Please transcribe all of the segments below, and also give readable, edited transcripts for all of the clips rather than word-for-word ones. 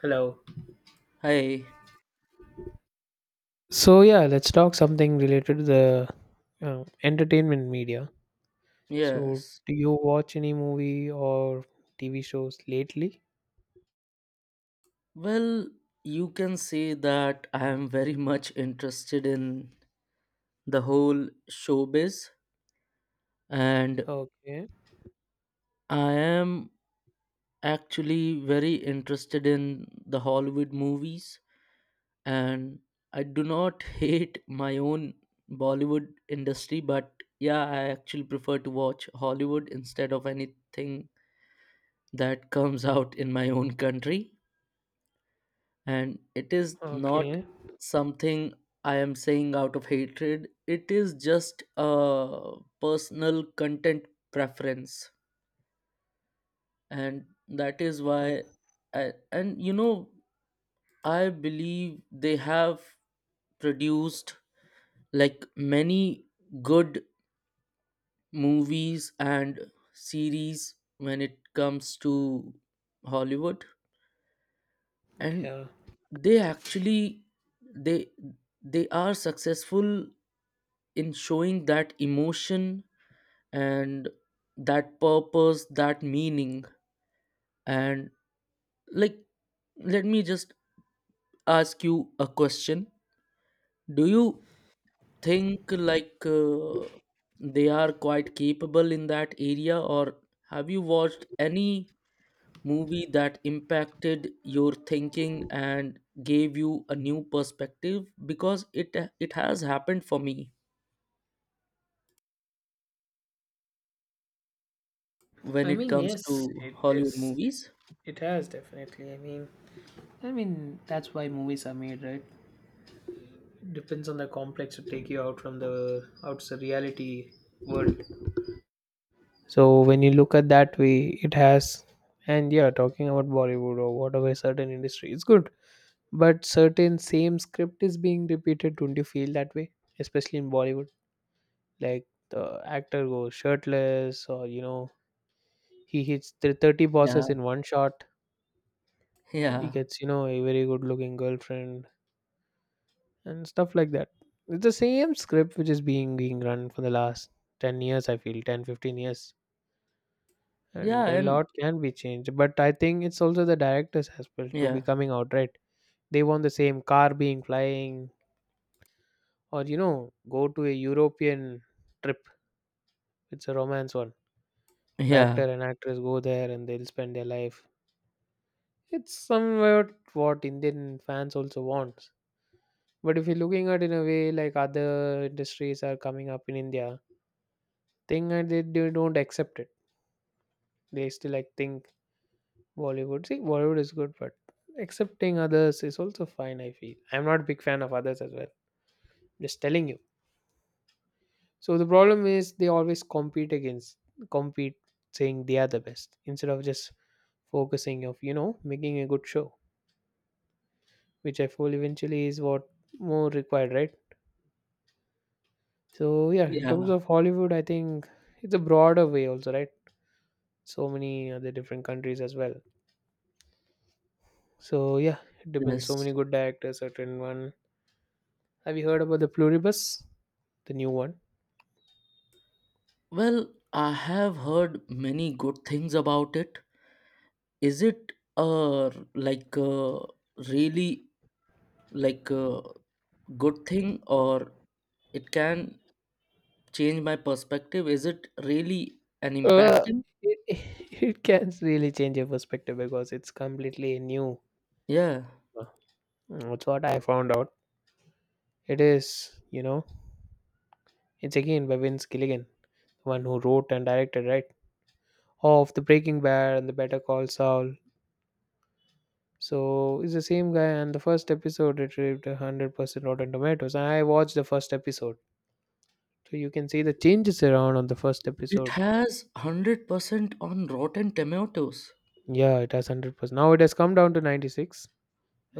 Hello. Hi, So yeah, let's talk something related to the entertainment media. So yes. do you watch any movie or TV shows lately? Well, you can say that I am very much interested in the whole showbiz, and Okay, I am actually very interested in the Hollywood movies, and I do not hate my own Bollywood industry, but yeah, I actually prefer to watch Hollywood instead of anything that comes out in my own country, and it is not okay, something I am saying out of hatred. It is just a personal content preference, and that is why okay. I, and you know I believe they have produced like many good movies and series when it comes to Hollywood. And Yeah, they actually, they they are successful in showing that emotion and that purpose, that meaning. And like, let me just ask you a question. Do you think, like they are quite capable in that area, or have you watched any movie that impacted your thinking and gave you a new perspective? Because it has happened for me when I it mean, comes to yes, it Hollywood is. movies. It has definitely. I mean, I mean that's why movies are made, right? Depends on the complex to take you out from the out the reality world. So when you look at that way, it has. And yeah, talking about Bollywood or whatever certain industry, it's good. But certain same script is being repeated. Don't you feel that way, especially in Bollywood? Like, the actor goes shirtless, or he hits 30 Yeah. bosses in one shot. He Yeah. gets a very good looking girlfriend and stuff like that. It's the same script which is being run for the last 10 years, I feel 10, 15 years. Yeah, And a and lot can be changed, but I think it's also the directors as well to be yeah, coming out, right? They want the same car being flying, or go to a European trip. It's a romance one. The actor yeah, and actress go there and they'll spend their life. It's somewhat what Indian fans also wants. But if you're looking at in a way like other industries are coming up in India, thing that they don't accept it. They still like think Bollywood. See, Bollywood is good, but accepting others is also fine. I feel I'm not a big fan of others as well. Just telling you. So the problem is they always compete against compete saying they are the best, instead of just focusing of making a good show, which I feel eventually is what more required, right? So yeah, in terms yeah, of Hollywood, I think it's a broader way also, right? So many other different countries as well. So yeah, it depends. So yes. many good directors, certain one. Have you heard about the Pluribus, the new one? Well, I have heard many good things about it. Is it uh like, really like a good thing, or it can change my perspective? Is it really an Uh, impacting? It can really change your perspective because it's completely new. Yeah. Uh, That's what I found out. It is, you know, it's again by Vince Gilligan, one who wrote and directed, right? Of the Breaking Bad and the Better Call Saul. So it's the same guy, and the first episode it reached 100% Rotten Tomatoes. And I watched the first episode, so you can see the changes around on the first It episode. has 100% on Rotten Tomatoes. Yeah, it has 100%. Now it has come down to 96.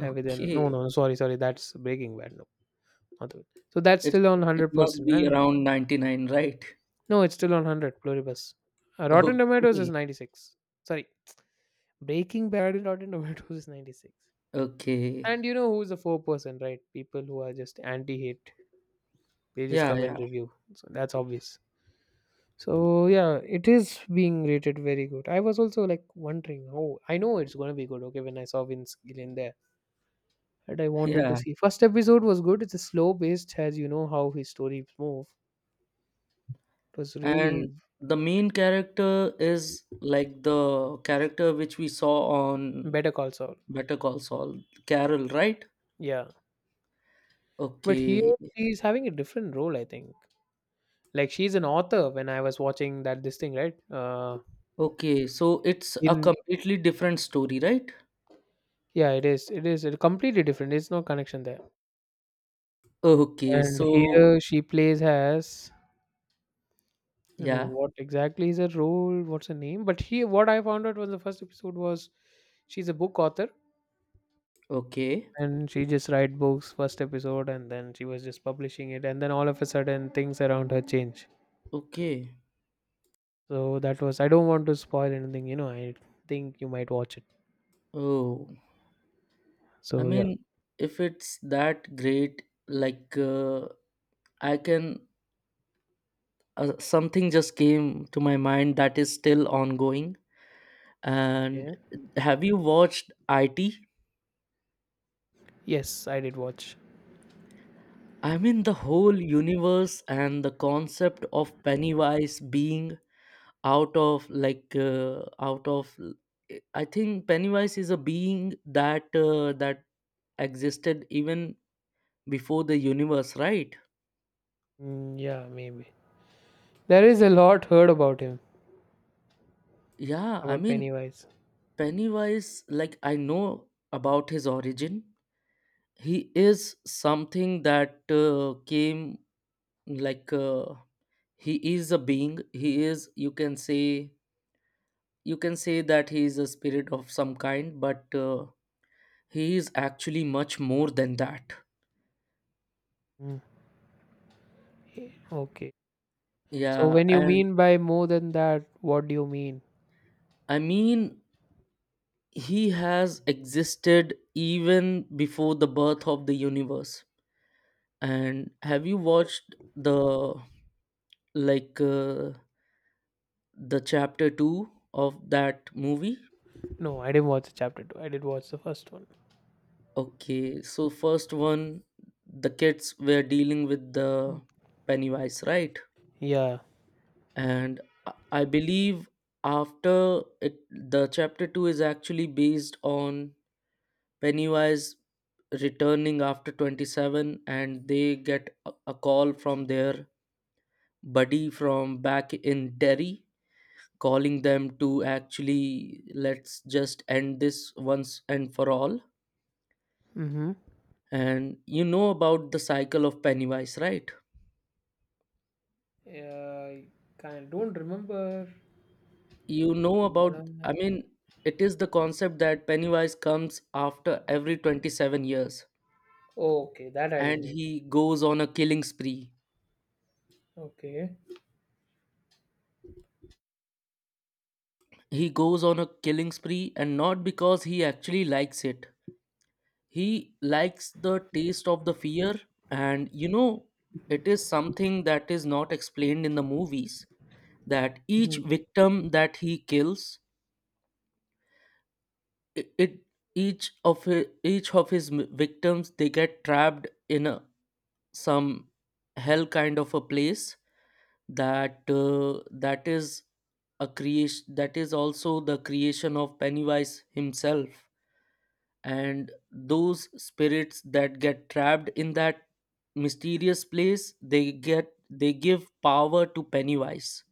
And within no, no, no, sorry, sorry, that's Breaking Bad. No, not the, so that's It still on one it hundred must percent. be And around 99, right? no, it's still on 100 Pluribus. Rotten Tomatoes is Okay. 96. Sorry, Breaking Bad in Rotten Tomatoes is 96. Okay. And you know who's the 4%, right? People who are just anti hate. They just Yeah, come yeah. and review. So that's obvious. So yeah, it is being rated very good. I was also like wondering, oh, I know it's gonna be good. Okay, when I saw Vince Gillian there, and I wanted to Yeah, see. First episode was good. It's a slow paced, as you know how his stories move. It was really and the main character is like the character which we saw on Better Call Saul. Better Call Saul, Carol, right? Yeah, but Okay, here she's having a different role. I think like she's an author. When I was watching that this thing, right? Okay, so it's a In completely different story, right? Yeah, it is. It is completely different. It's no connection there. Okay, And so here she plays as I don't know yeah, what exactly is her role, what's her name, but he what I found out was the first episode was she's a book author, okay, and she just write books first episode and then she was just publishing it and then all of a sudden things around her change. okay. So that was I don't want to spoil anything, I think you might watch it. Oh, I So yeah. mean, if it's that great, like I can, something just came to my mind that is still ongoing. Yeah. And have you watched IT? Yes, I did watch. I mean, the whole universe and the concept of Pennywise being out of like, out of. I think Pennywise is a being that that existed even before the universe, right? Mm, yeah, maybe. There is a lot heard about him, Yeah, I about mean, Pennywise. Pennywise, like I know about his origin. He is something that came like, he is a being. He is, you can say, that he is a spirit of some kind, but he is actually much more than that. Mm, yeah, okay. So Yeah. when you And mean by more than that, what do you mean? I mean, he has existed even before the birth of the universe. And have you watched the, like, the chapter 2 of that movie? No, I didn't watch the chapter 2. I did watch the first one. Okay, so first one, the kids were dealing with the Pennywise, right? Yeah. And I believe after it, the chapter 2 is actually based on Pennywise returning after 27, and they get a call from their buddy from back in Derry, calling them to actually, let's just end this once and for all. Mm-hmm. And you know about the cycle of Pennywise, right? Yeah, I kind don't remember. you know about Uh, I mean It is the concept that Pennywise comes after every 27 years, okay, that I and didn't know. he goes on a killing spree. Okay. He goes on a killing spree, and not because he actually likes it. He likes the taste of the fear, and you know, it is something that is not explained in the movies, that each Mhm. victim that he kills, it each of each of his victims, they get trapped in a some hell kind of a place that that is a creation, that is also the creation of Pennywise himself. And those spirits that get trapped in that mysterious place, they give power to Pennywise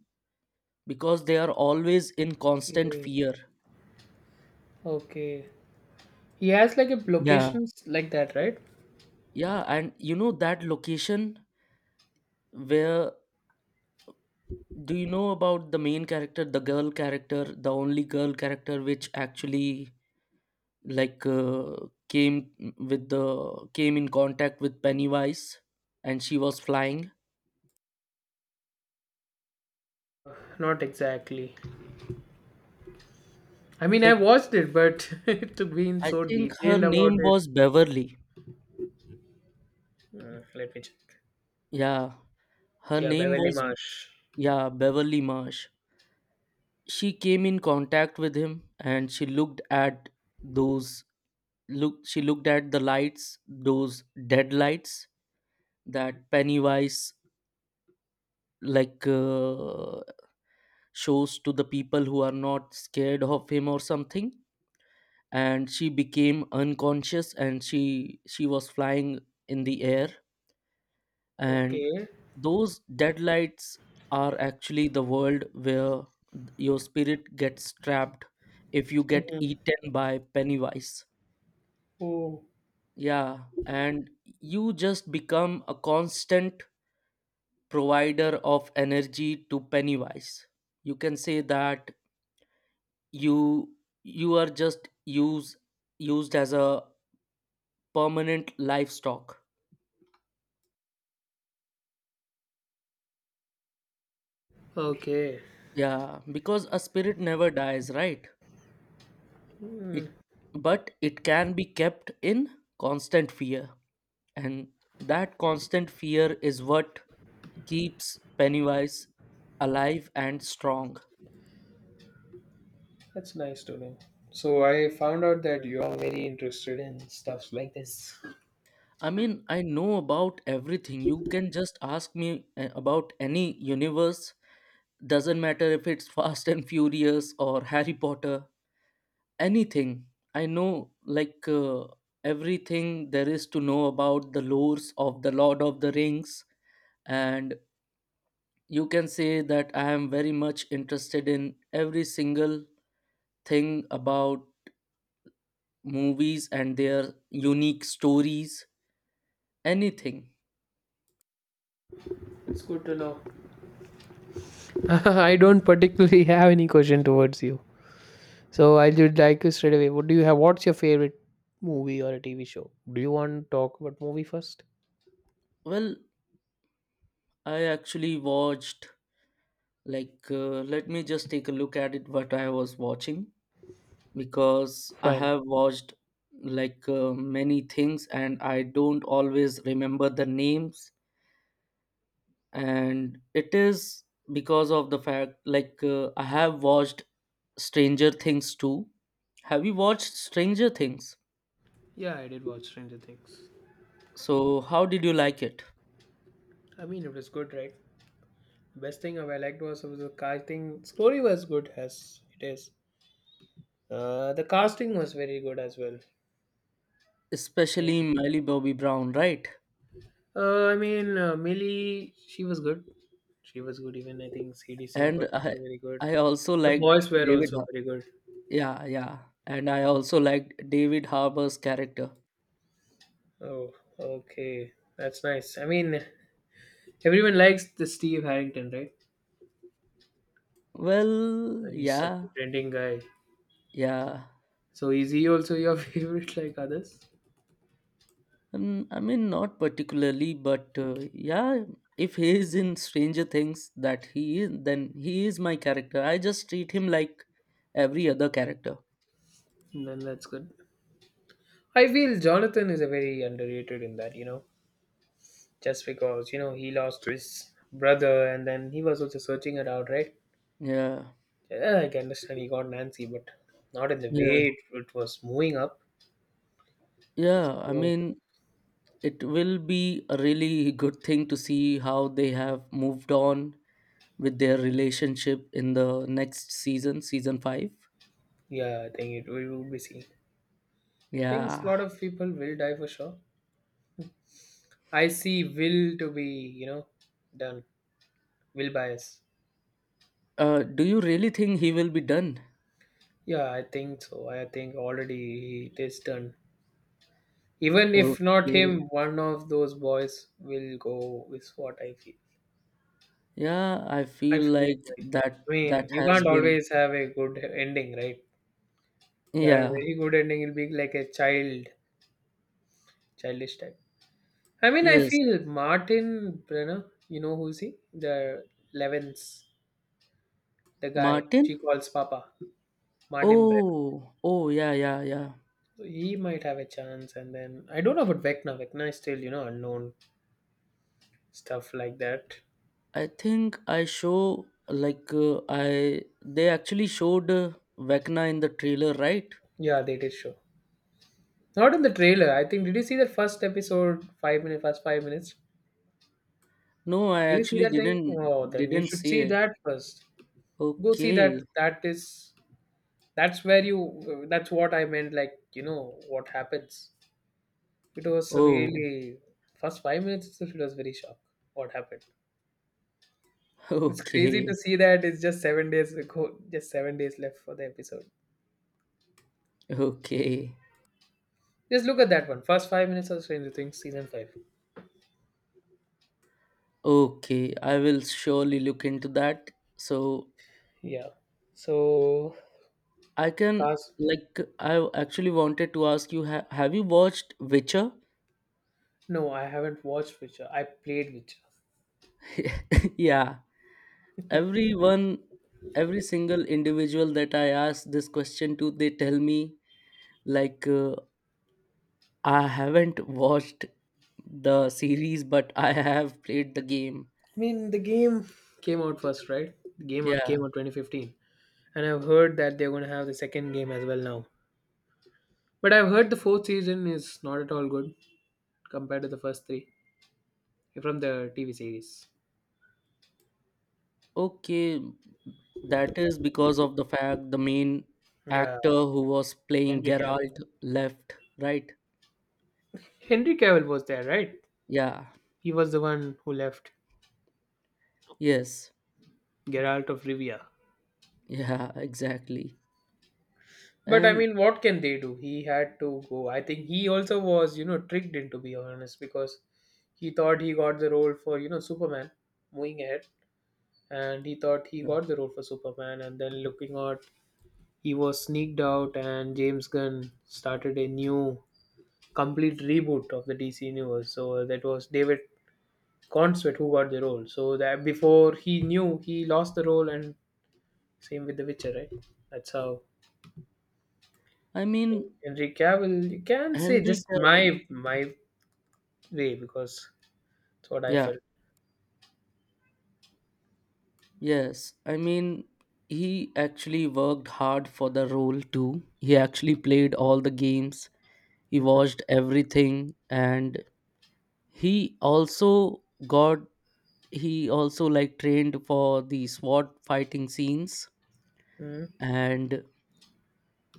because they are always in constant Okay. fear. Okay. He has like a Yeah, locations like that, right? yeah. And you know that location where, do you know about the main character, the girl character, the only girl character, which actually like, came with the came in contact with Pennywise, and she was flying. Not exactly. I mean, I I th- watched it, but to be in I so think her detailed about name it. was Beverly. Let me check. Yeah, her Yeah, name Beverly was, Marsh. yeah, Beverly Marsh. She came in contact with him, and she looked at those look. She looked at the lights, those dead lights, that Pennywise like, shows to the people who are not scared of him or something. And she became unconscious, and she was flying in the air. And Okay. those deadlights are actually the world where your spirit gets trapped if you get eaten by Pennywise. Oh. Yeah. And you just become a constant provider of energy to Pennywise. You can say that you you are just used used as a permanent livestock. Okay. Yeah, because a spirit never dies, right? Hmm. It But it can be kept in constant fear, and that constant fear is what keeps Pennywise alive and strong. That's nice to know. So I found out that you are very interested in stuffs like this. I mean, I know about everything. You can just ask me about any universe. Doesn't matter if it's Fast and Furious or Harry Potter. Anything, I know, like, everything there is to know about the lores of the Lord of the Rings. And you can say that I am very much interested in every single thing about movies and their unique stories, anything. It's good to know. I don't particularly have any question towards you. So I would like you straight away. What do you have? What's your favorite movie or a TV show? Do you want to talk about movie first? Well, I actually watched, like, let me just take a look at it, what I was watching, because I Fine. have watched, like, many things, and I don't always remember the names. And it is because of the fact, like, I have watched Stranger Things too. Have you watched Stranger Things? Yeah, I did watch Stranger Things. So, how did you like it? I mean, it was good, right? Best thing I liked was the casting. Story was good as it is. The casting was very good as well. Especially Miley Bobby Brown, right? I mean, Millie, she was good. She was good. Even I think CD Sync was And also very good. I also The liked boys were also very good. yeah, yeah. And I also liked David Harbour's character. Oh, okay, that's nice. I mean, everyone likes the Steve Harrington, right? Well, And he's such yeah, a trending guy. yeah. So is he also your favorite, like others? Mm, I mean, not particularly, but yeah, if he is in Stranger Things, that he is, then he is my character. I just treat him like every other character. Then that's good. I feel Jonathan is a very underrated in that, just because you know he lost his brother and then he was also searching it out, right? Yeah, Yeah, I can understand he got Nancy, but not in the way yeah, it was moving up. yeah. I So mean, it will be a really good thing to see how they have moved on with their relationship in the next season, season 5. yeah, I think it we would be seeing. Things a Yeah. lot of people will die for sure. I see will to be, done. Will bias. Do you really think he will be done? Yeah, I think so. I think already it is done. Even if not Okay. him, one of those boys will go is what I feel. Yeah, I I feel feel like like that I mean, you has can't been always have a good ending, right? If you have a Yeah. very good ending, it'll be like a childish type. I mean, I Yes. feel Martin Brenner, you know who's he? The Levens, the guy Martin? she calls Papa, Martin Brenner. Oh, oh, yeah, yeah, yeah. So he might have a chance. And then I don't know about Vecna. Vecna is still, unknown stuff like that. I think I show like I They actually showed, Vecna in the trailer, right? Yeah, they did show. Not in the trailer. I think, did you see the first episode, first 5 minutes? No, I Did you see actually that thing? Oh, then you didn't should see see it. that first. Go see that. Okay. That is, that's where you, that's what I meant, like, what happens. It was Oh, really first 5 minutes itself, it was very shocked what happened. It's crazy to okay. see that it's just 7 days ago, just 7 days left for the episode. Okay. Just look at that one. First 5 minutes of Stranger Things season 5. Okay. I will surely look into that. So Yeah. So I can cast like, I actually wanted to ask you, have you watched Witcher? no, I haven't watched Witcher. I played Witcher. Yeah, everyone, every single individual that I ask this question to, they tell me like, I haven't watched the series, but I have played the game. I mean the game came out first, right? The game out Yeah, came out 2015. And I've heard that they're gonna have the second game as well now. But I've heard the fourth season is not at all good compared to the first three from the TV series. okay. That is because of the fact the main Yeah, actor who was playing Henry Cavill. Geralt left, right? Henry Cavill was there, right? Yeah. He was the one who left Yes. Geralt of Rivia. Yeah. Exactly. But I And mean, what can they do? He had to go. I think he also was, tricked into be honest, because he thought he got the role for, Superman moving ahead, and he thought he uh, got the role for Superman and then looking at he was sneaked out, and James Gunn started a new complete reboot of the DC universe. So that was David Consvet who got the role. So that before he knew he lost the role, and same with The Witcher, right? That's how i I mean think Henry Cavill. You can say Henry just Cavill. my way because that's what I Yeah. felt. Yes, I mean, he actually worked hard for the role too. He actually played all the games, he Mhm. watched everything, and he also got, he also like trained for the SWAT fighting scenes, Mhm. and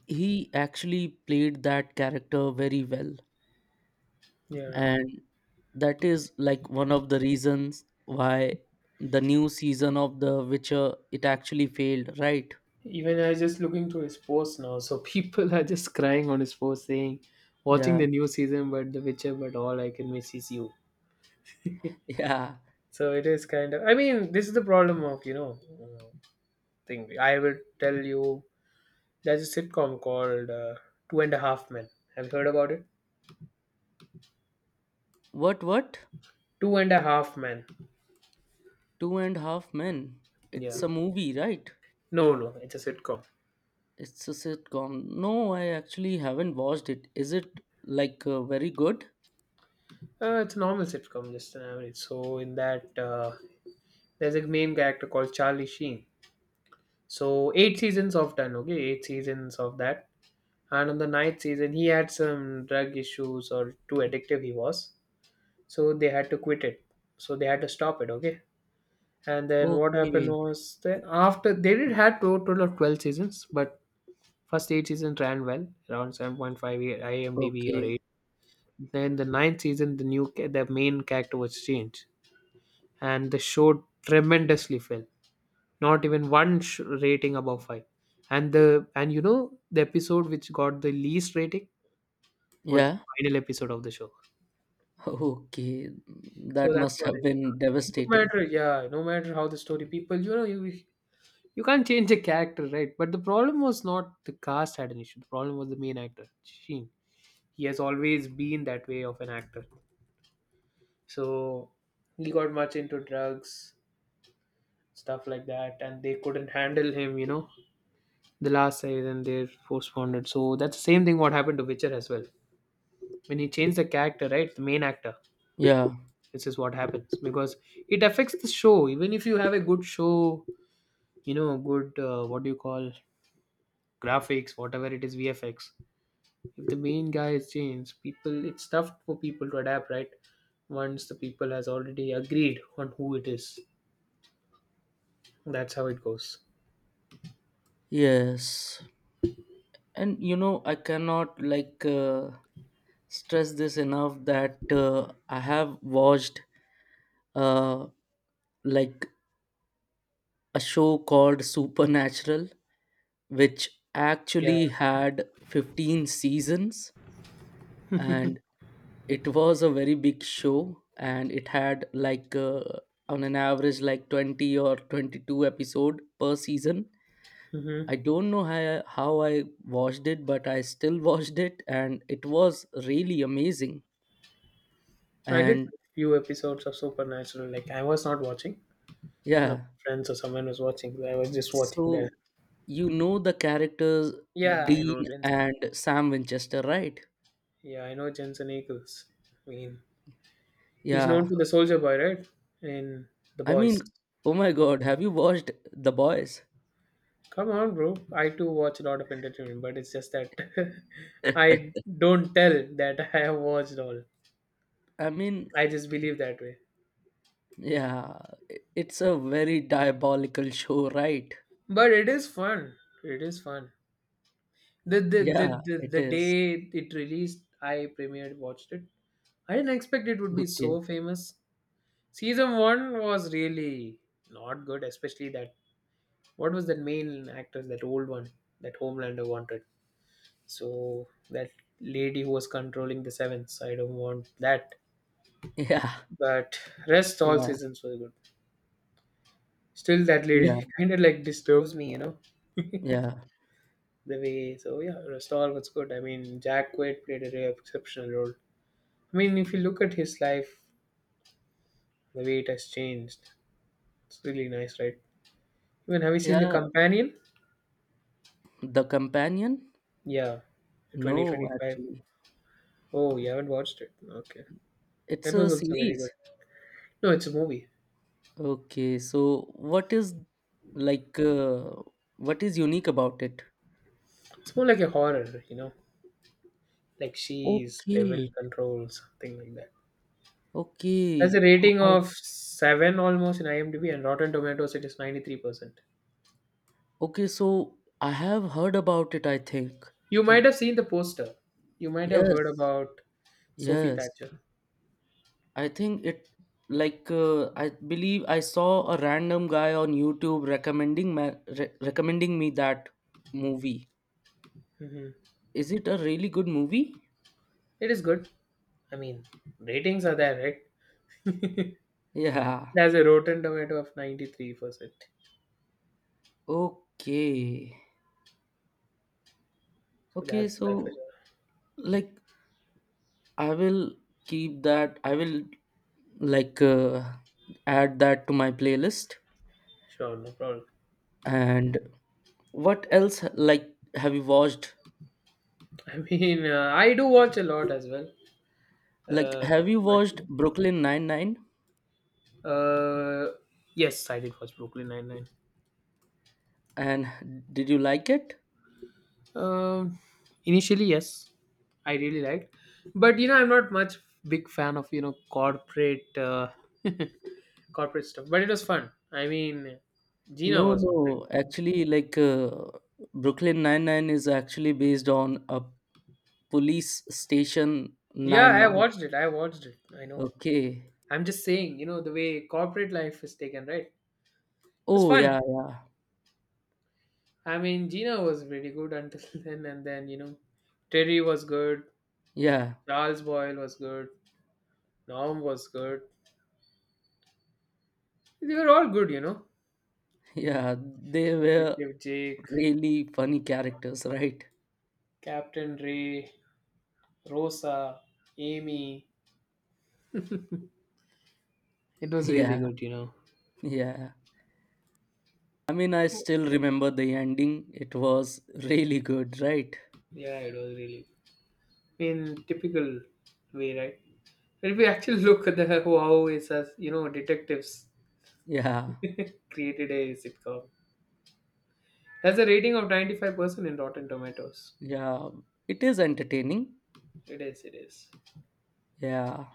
he actually played that character very well. Yeah. And that is like one of the reasons why the new season of The Witcher, it actually failed, right? Even I was just looking through his posts now, so people are just crying on his post saying, "Watching Yeah, the new season, but The Witcher, but all I can miss is you." yeah. So it is kind of. I mean, this is the problem of uh, thing. I will tell you. There's a sitcom called Two and a Half Men. Have you heard about it? What? Two and a Half Men. Two and a Half Men. Yeah. It's a movie, right? No, no, it's a sitcom. It's a sitcom. No, I actually haven't watched it. Is it like, very good? It's a normal sitcom, just an average. So in that, there's a main character called Charlie Sheen. So eight seasons of done, okay, eight seasons of that. And on the ninth season, he had some drug issues or too addictive he was. So they had to quit it. So they had to stop it, okay. And then what happened Okay, was that after they did have total of 12 seasons, but first eight seasons ran well, around 7.5 IMDb or okay. 8. Then the ninth season, the main character was changed, and the show tremendously fell. Not even rating above five. And the episode which got the least rating was the Yeah, final episode of the show. okay. So That that's must what have I been said. No devastating. matter, yeah, no matter how the story, you can't change the character, right? But the problem was not the cast had an issue. The problem was the main actor, Sheen. He has always been that way of an actor, so he got much into drugs, stuff like that, and they couldn't handle him. The last season they postponed it, so that's the same thing what happened to Witcher as well when he changed the character, right? The main actor, Yeah, this is what happens because it affects the show. Even if you have a good show, you know, good what do you call, graphics, whatever it is, VFX, if the main guy has changed, people, it's tough for people to adapt, right? Once the people has already agreed on who it is, that's how it goes. yes. And you know, I cannot like, stress this enough that I have watched, uh, like a show called Supernatural, which Yeah, actually had 15 seasons. And it was a very big show, and it had like, on an average like 20 or 22 episode per season. hmm, I don't know how I watched it, but I still watched it, and it was really amazing. I did And few episodes of Supernatural. Like I was not watching, one of yeah. my friends or someone was watching, so I was just watching there. So you know the characters, Yeah, I Dean know Jensen. and Sam Winchester, right? Yeah, I know Jensen Ackles. I mean, he's Yeah, known for the Soldier Boy, right? In The I mean, Boys. oh my god, have you watched The Boys? Come on, bro. I too watch a lot of entertainment, but it's just that I don't tell that I have watched all. I mean, I just believe that way. yeah, it's a very diabolical show, right? But it is fun. It is fun. The the the Yeah, the, it the is. day it released, I premiered watched it. I didn't expect it would be Okay. so famous. Season one was really not good, especially that, what was that main actress, that old one that Homelander wanted. So that lady who was controlling the seventh, I don't want that. Yeah, But rest all yeah, seasons was good. Still, that yeah, lady kind of like disturbs me, you know, yeah, the way. So yeah, rest all was good. I mean, Jack Quaid played a really exceptional role. I mean, if you look at his life, the way it has changed, it's really nice, right? Even, have you seen The yeah. Companion? The Companion? Yeah, No, 2025. actually, Oh, you haven't watched it? Okay, it's that a was also very good. series. No, it's a movie. Okay, so what is, like, what is unique about it? It's more like a horror, you know, like she's devil Okay, control, something like that. Has a okay, rating I, of 7 almost in IMDb, and Rotten Tomatoes it is 93%. okay. So I have heard about it, I think, You might and have seen the poster. You might have heard yes, about Sophie yes. Thatcher. I think it, like, I believe I saw a random guy on YouTube recommending me that movie. Hmm. Is it a really good movie? It is good. I mean, ratings are there, right? Yeah. It has a Rotten Tomato of 93%. So Okay. Okay, that's that for so sure. like, I will keep that. I will, like, add that to my playlist. Sure, no problem. And what else like, have you watched? I mean, I do watch a lot as well. Like, Uh, have you but watched Brooklyn Nine-Nine, uh, yes, I did watch Brooklyn Nine Nine. and did you like it? Um, initially, yes, I really liked, but you know, I'm not much big fan of corporate corporate stuff. But it was fun. I mean, Gina No, was great. no. Actually, like, Brooklyn Nine-Nine is actually based on a police station Yeah, I Nine-Nine. watched it. I watched it. I know. Okay. I'm just saying, you know, the way corporate life is taken, right? It's Oh, fun. yeah, yeah, I mean, Gina was really good until then, and then you know, Terry was good. yeah, Charles Boyle was good. Norm was good. They were all good, you know. yeah. They were Detective Jake, really funny characters, right? Captain Ray, Rosa, Amy. It was really Yeah, good, you know. yeah. I mean, I still remember the ending. It was really good, right? Yeah, it was really in typical way, right? If we actually look at the how it's, as you know, detectives Yeah, created a sitcom. Has a rating of 95% in Rotten Tomatoes. yeah. It is entertaining. It is, it is. Yeah.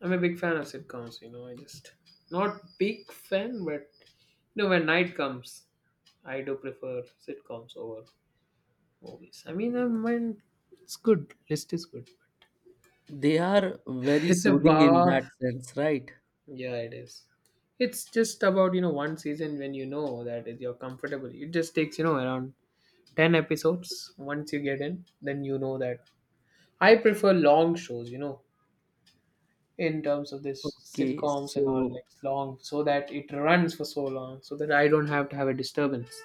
I'm a big fan of sitcoms. You know, I just, not big fan, but you know, when night comes, I do prefer sitcoms over movies. I mean, it's good. List is good. They are very It's a soothing in that vast, sense, right? yeah, it is. It's just about, you know, one season when you know that is you're comfortable. It just takes, you know, around 10 episodes. Once you get in, then you know that. I prefer long shows, you know, in terms of this Okay, sitcoms and all, so like long, so that it runs for so long, so that I don't have to have a disturbance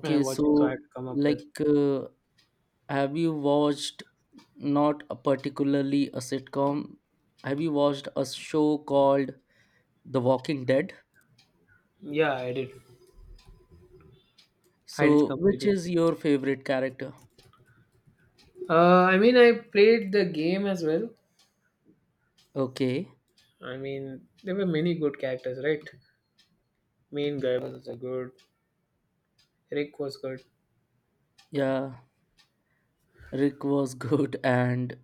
when I'm watching. So I so have to come up with. like, have you watched, not a particularly a sitcom, have you watched a show called The Walking Dead? Yeah, I did. I did So, complete which it. is your favorite character? I mean, I played the game as well. Okay, I mean, there were many good characters, right? Main guy was a good. Rick was good. yeah, Rick was good. And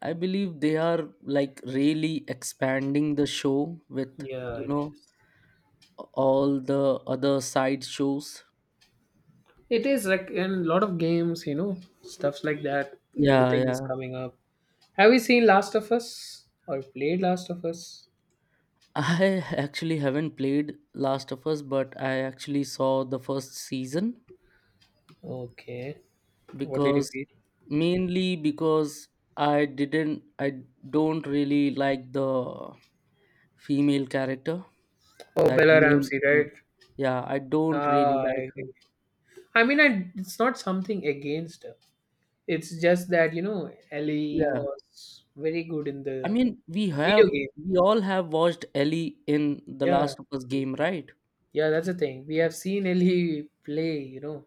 I believe they are like really expanding the show with, Yeah, you it know, is. all the other side shows. It is like in a lot of games, you know, stuffs like that. Yeah, Everything is yeah. coming up. Have you seen Last of Us or played Last of Us? I actually haven't played Last of Us, but I actually saw the first season Okay, what did you because feel? mainly because I don't really like the female character. Oh, That Bella main, Ramsey, right? yeah, I don't really Ah, I like her. agree. It's not something against her. It's just that, you know, Ellie Yeah, was very good in I the mean, video game. we all have watched Ellie in the Yeah, Last of Us game, right? yeah, that's the thing. We have seen Ellie play, you know,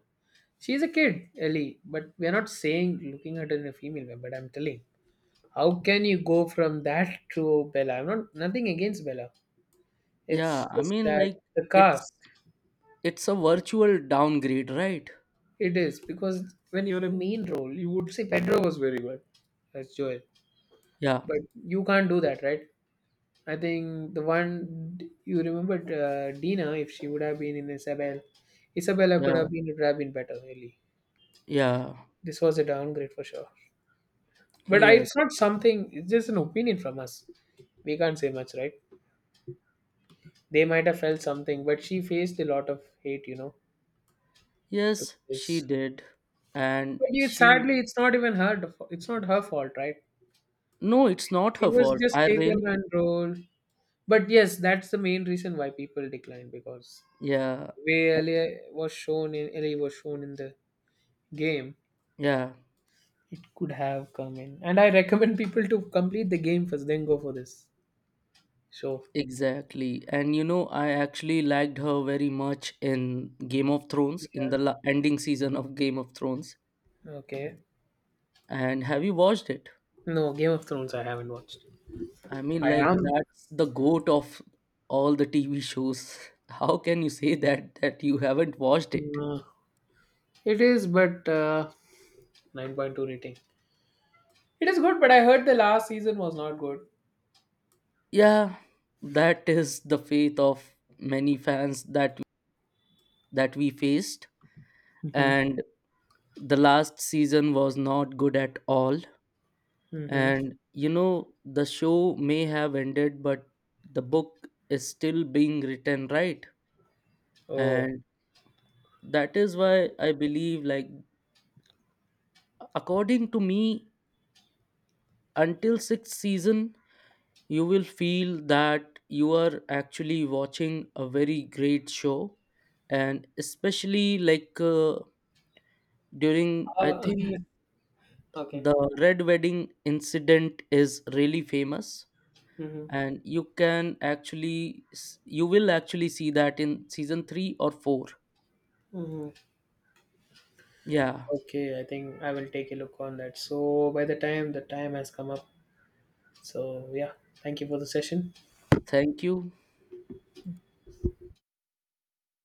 she's a kid, Ellie, but we're not saying looking at her in a female way, but I'm telling. How can you go from that to Bella? I'm not nothing against Bella. Yeah, It's I just mean, that like, the it's cast. it's a virtual downgrade, right? It is because when you're a main role, you would say Pedro was very good as Joel, Yeah, but you can't do that, right? I think the one you remember, Dina, if she would have been in Isabel, Isabella could yeah, have been, it would have been better, really. yeah, This was a downgrade for sure. But I, yes. it's not something, it's just an opinion from us. We can't say much, right? They might have felt something, but she faced a lot of hate, you know, to Yes, she this. did. And But you, she, sadly, it's not even it's not her fault, right? no, it's not She her was fault. just I taken really, and rolled. But yes, that's the main reason why people decline, because yeah, way Ellie was shown in the game, yeah, it could have come in. And I recommend people to complete the game first, then go for this show. exactly. And you know, I actually liked her very much in Game of Thrones, in Yeah. the ending season of Game of Thrones. Okay. And have you watched it? No, Game of Thrones I haven't watched. I mean, I like, am. that's the goat of all the TV shows. How can you say that you haven't watched it? Uh, it is, but 9.2 rating. It is good, but I heard the last season was not good. Yeah, that is the faith of many fans that we faced. Mm-hmm. And the last season was not good at all. Mm-hmm. And you know, the show may have ended, but the book is still being written, right? Oh. And that is why I believe, like, according to me, until sixth season, you will feel that you are actually watching a very great show. And especially like, during, I Uh, think okay. the red wedding incident is really famous, Mm-hmm. and you can actually you will actually see that in season 3 or 4. Mm-hmm. Yeah, Okay, I think I will take a look on that. So by the time has come up. So yeah, thank you for the session. thank you.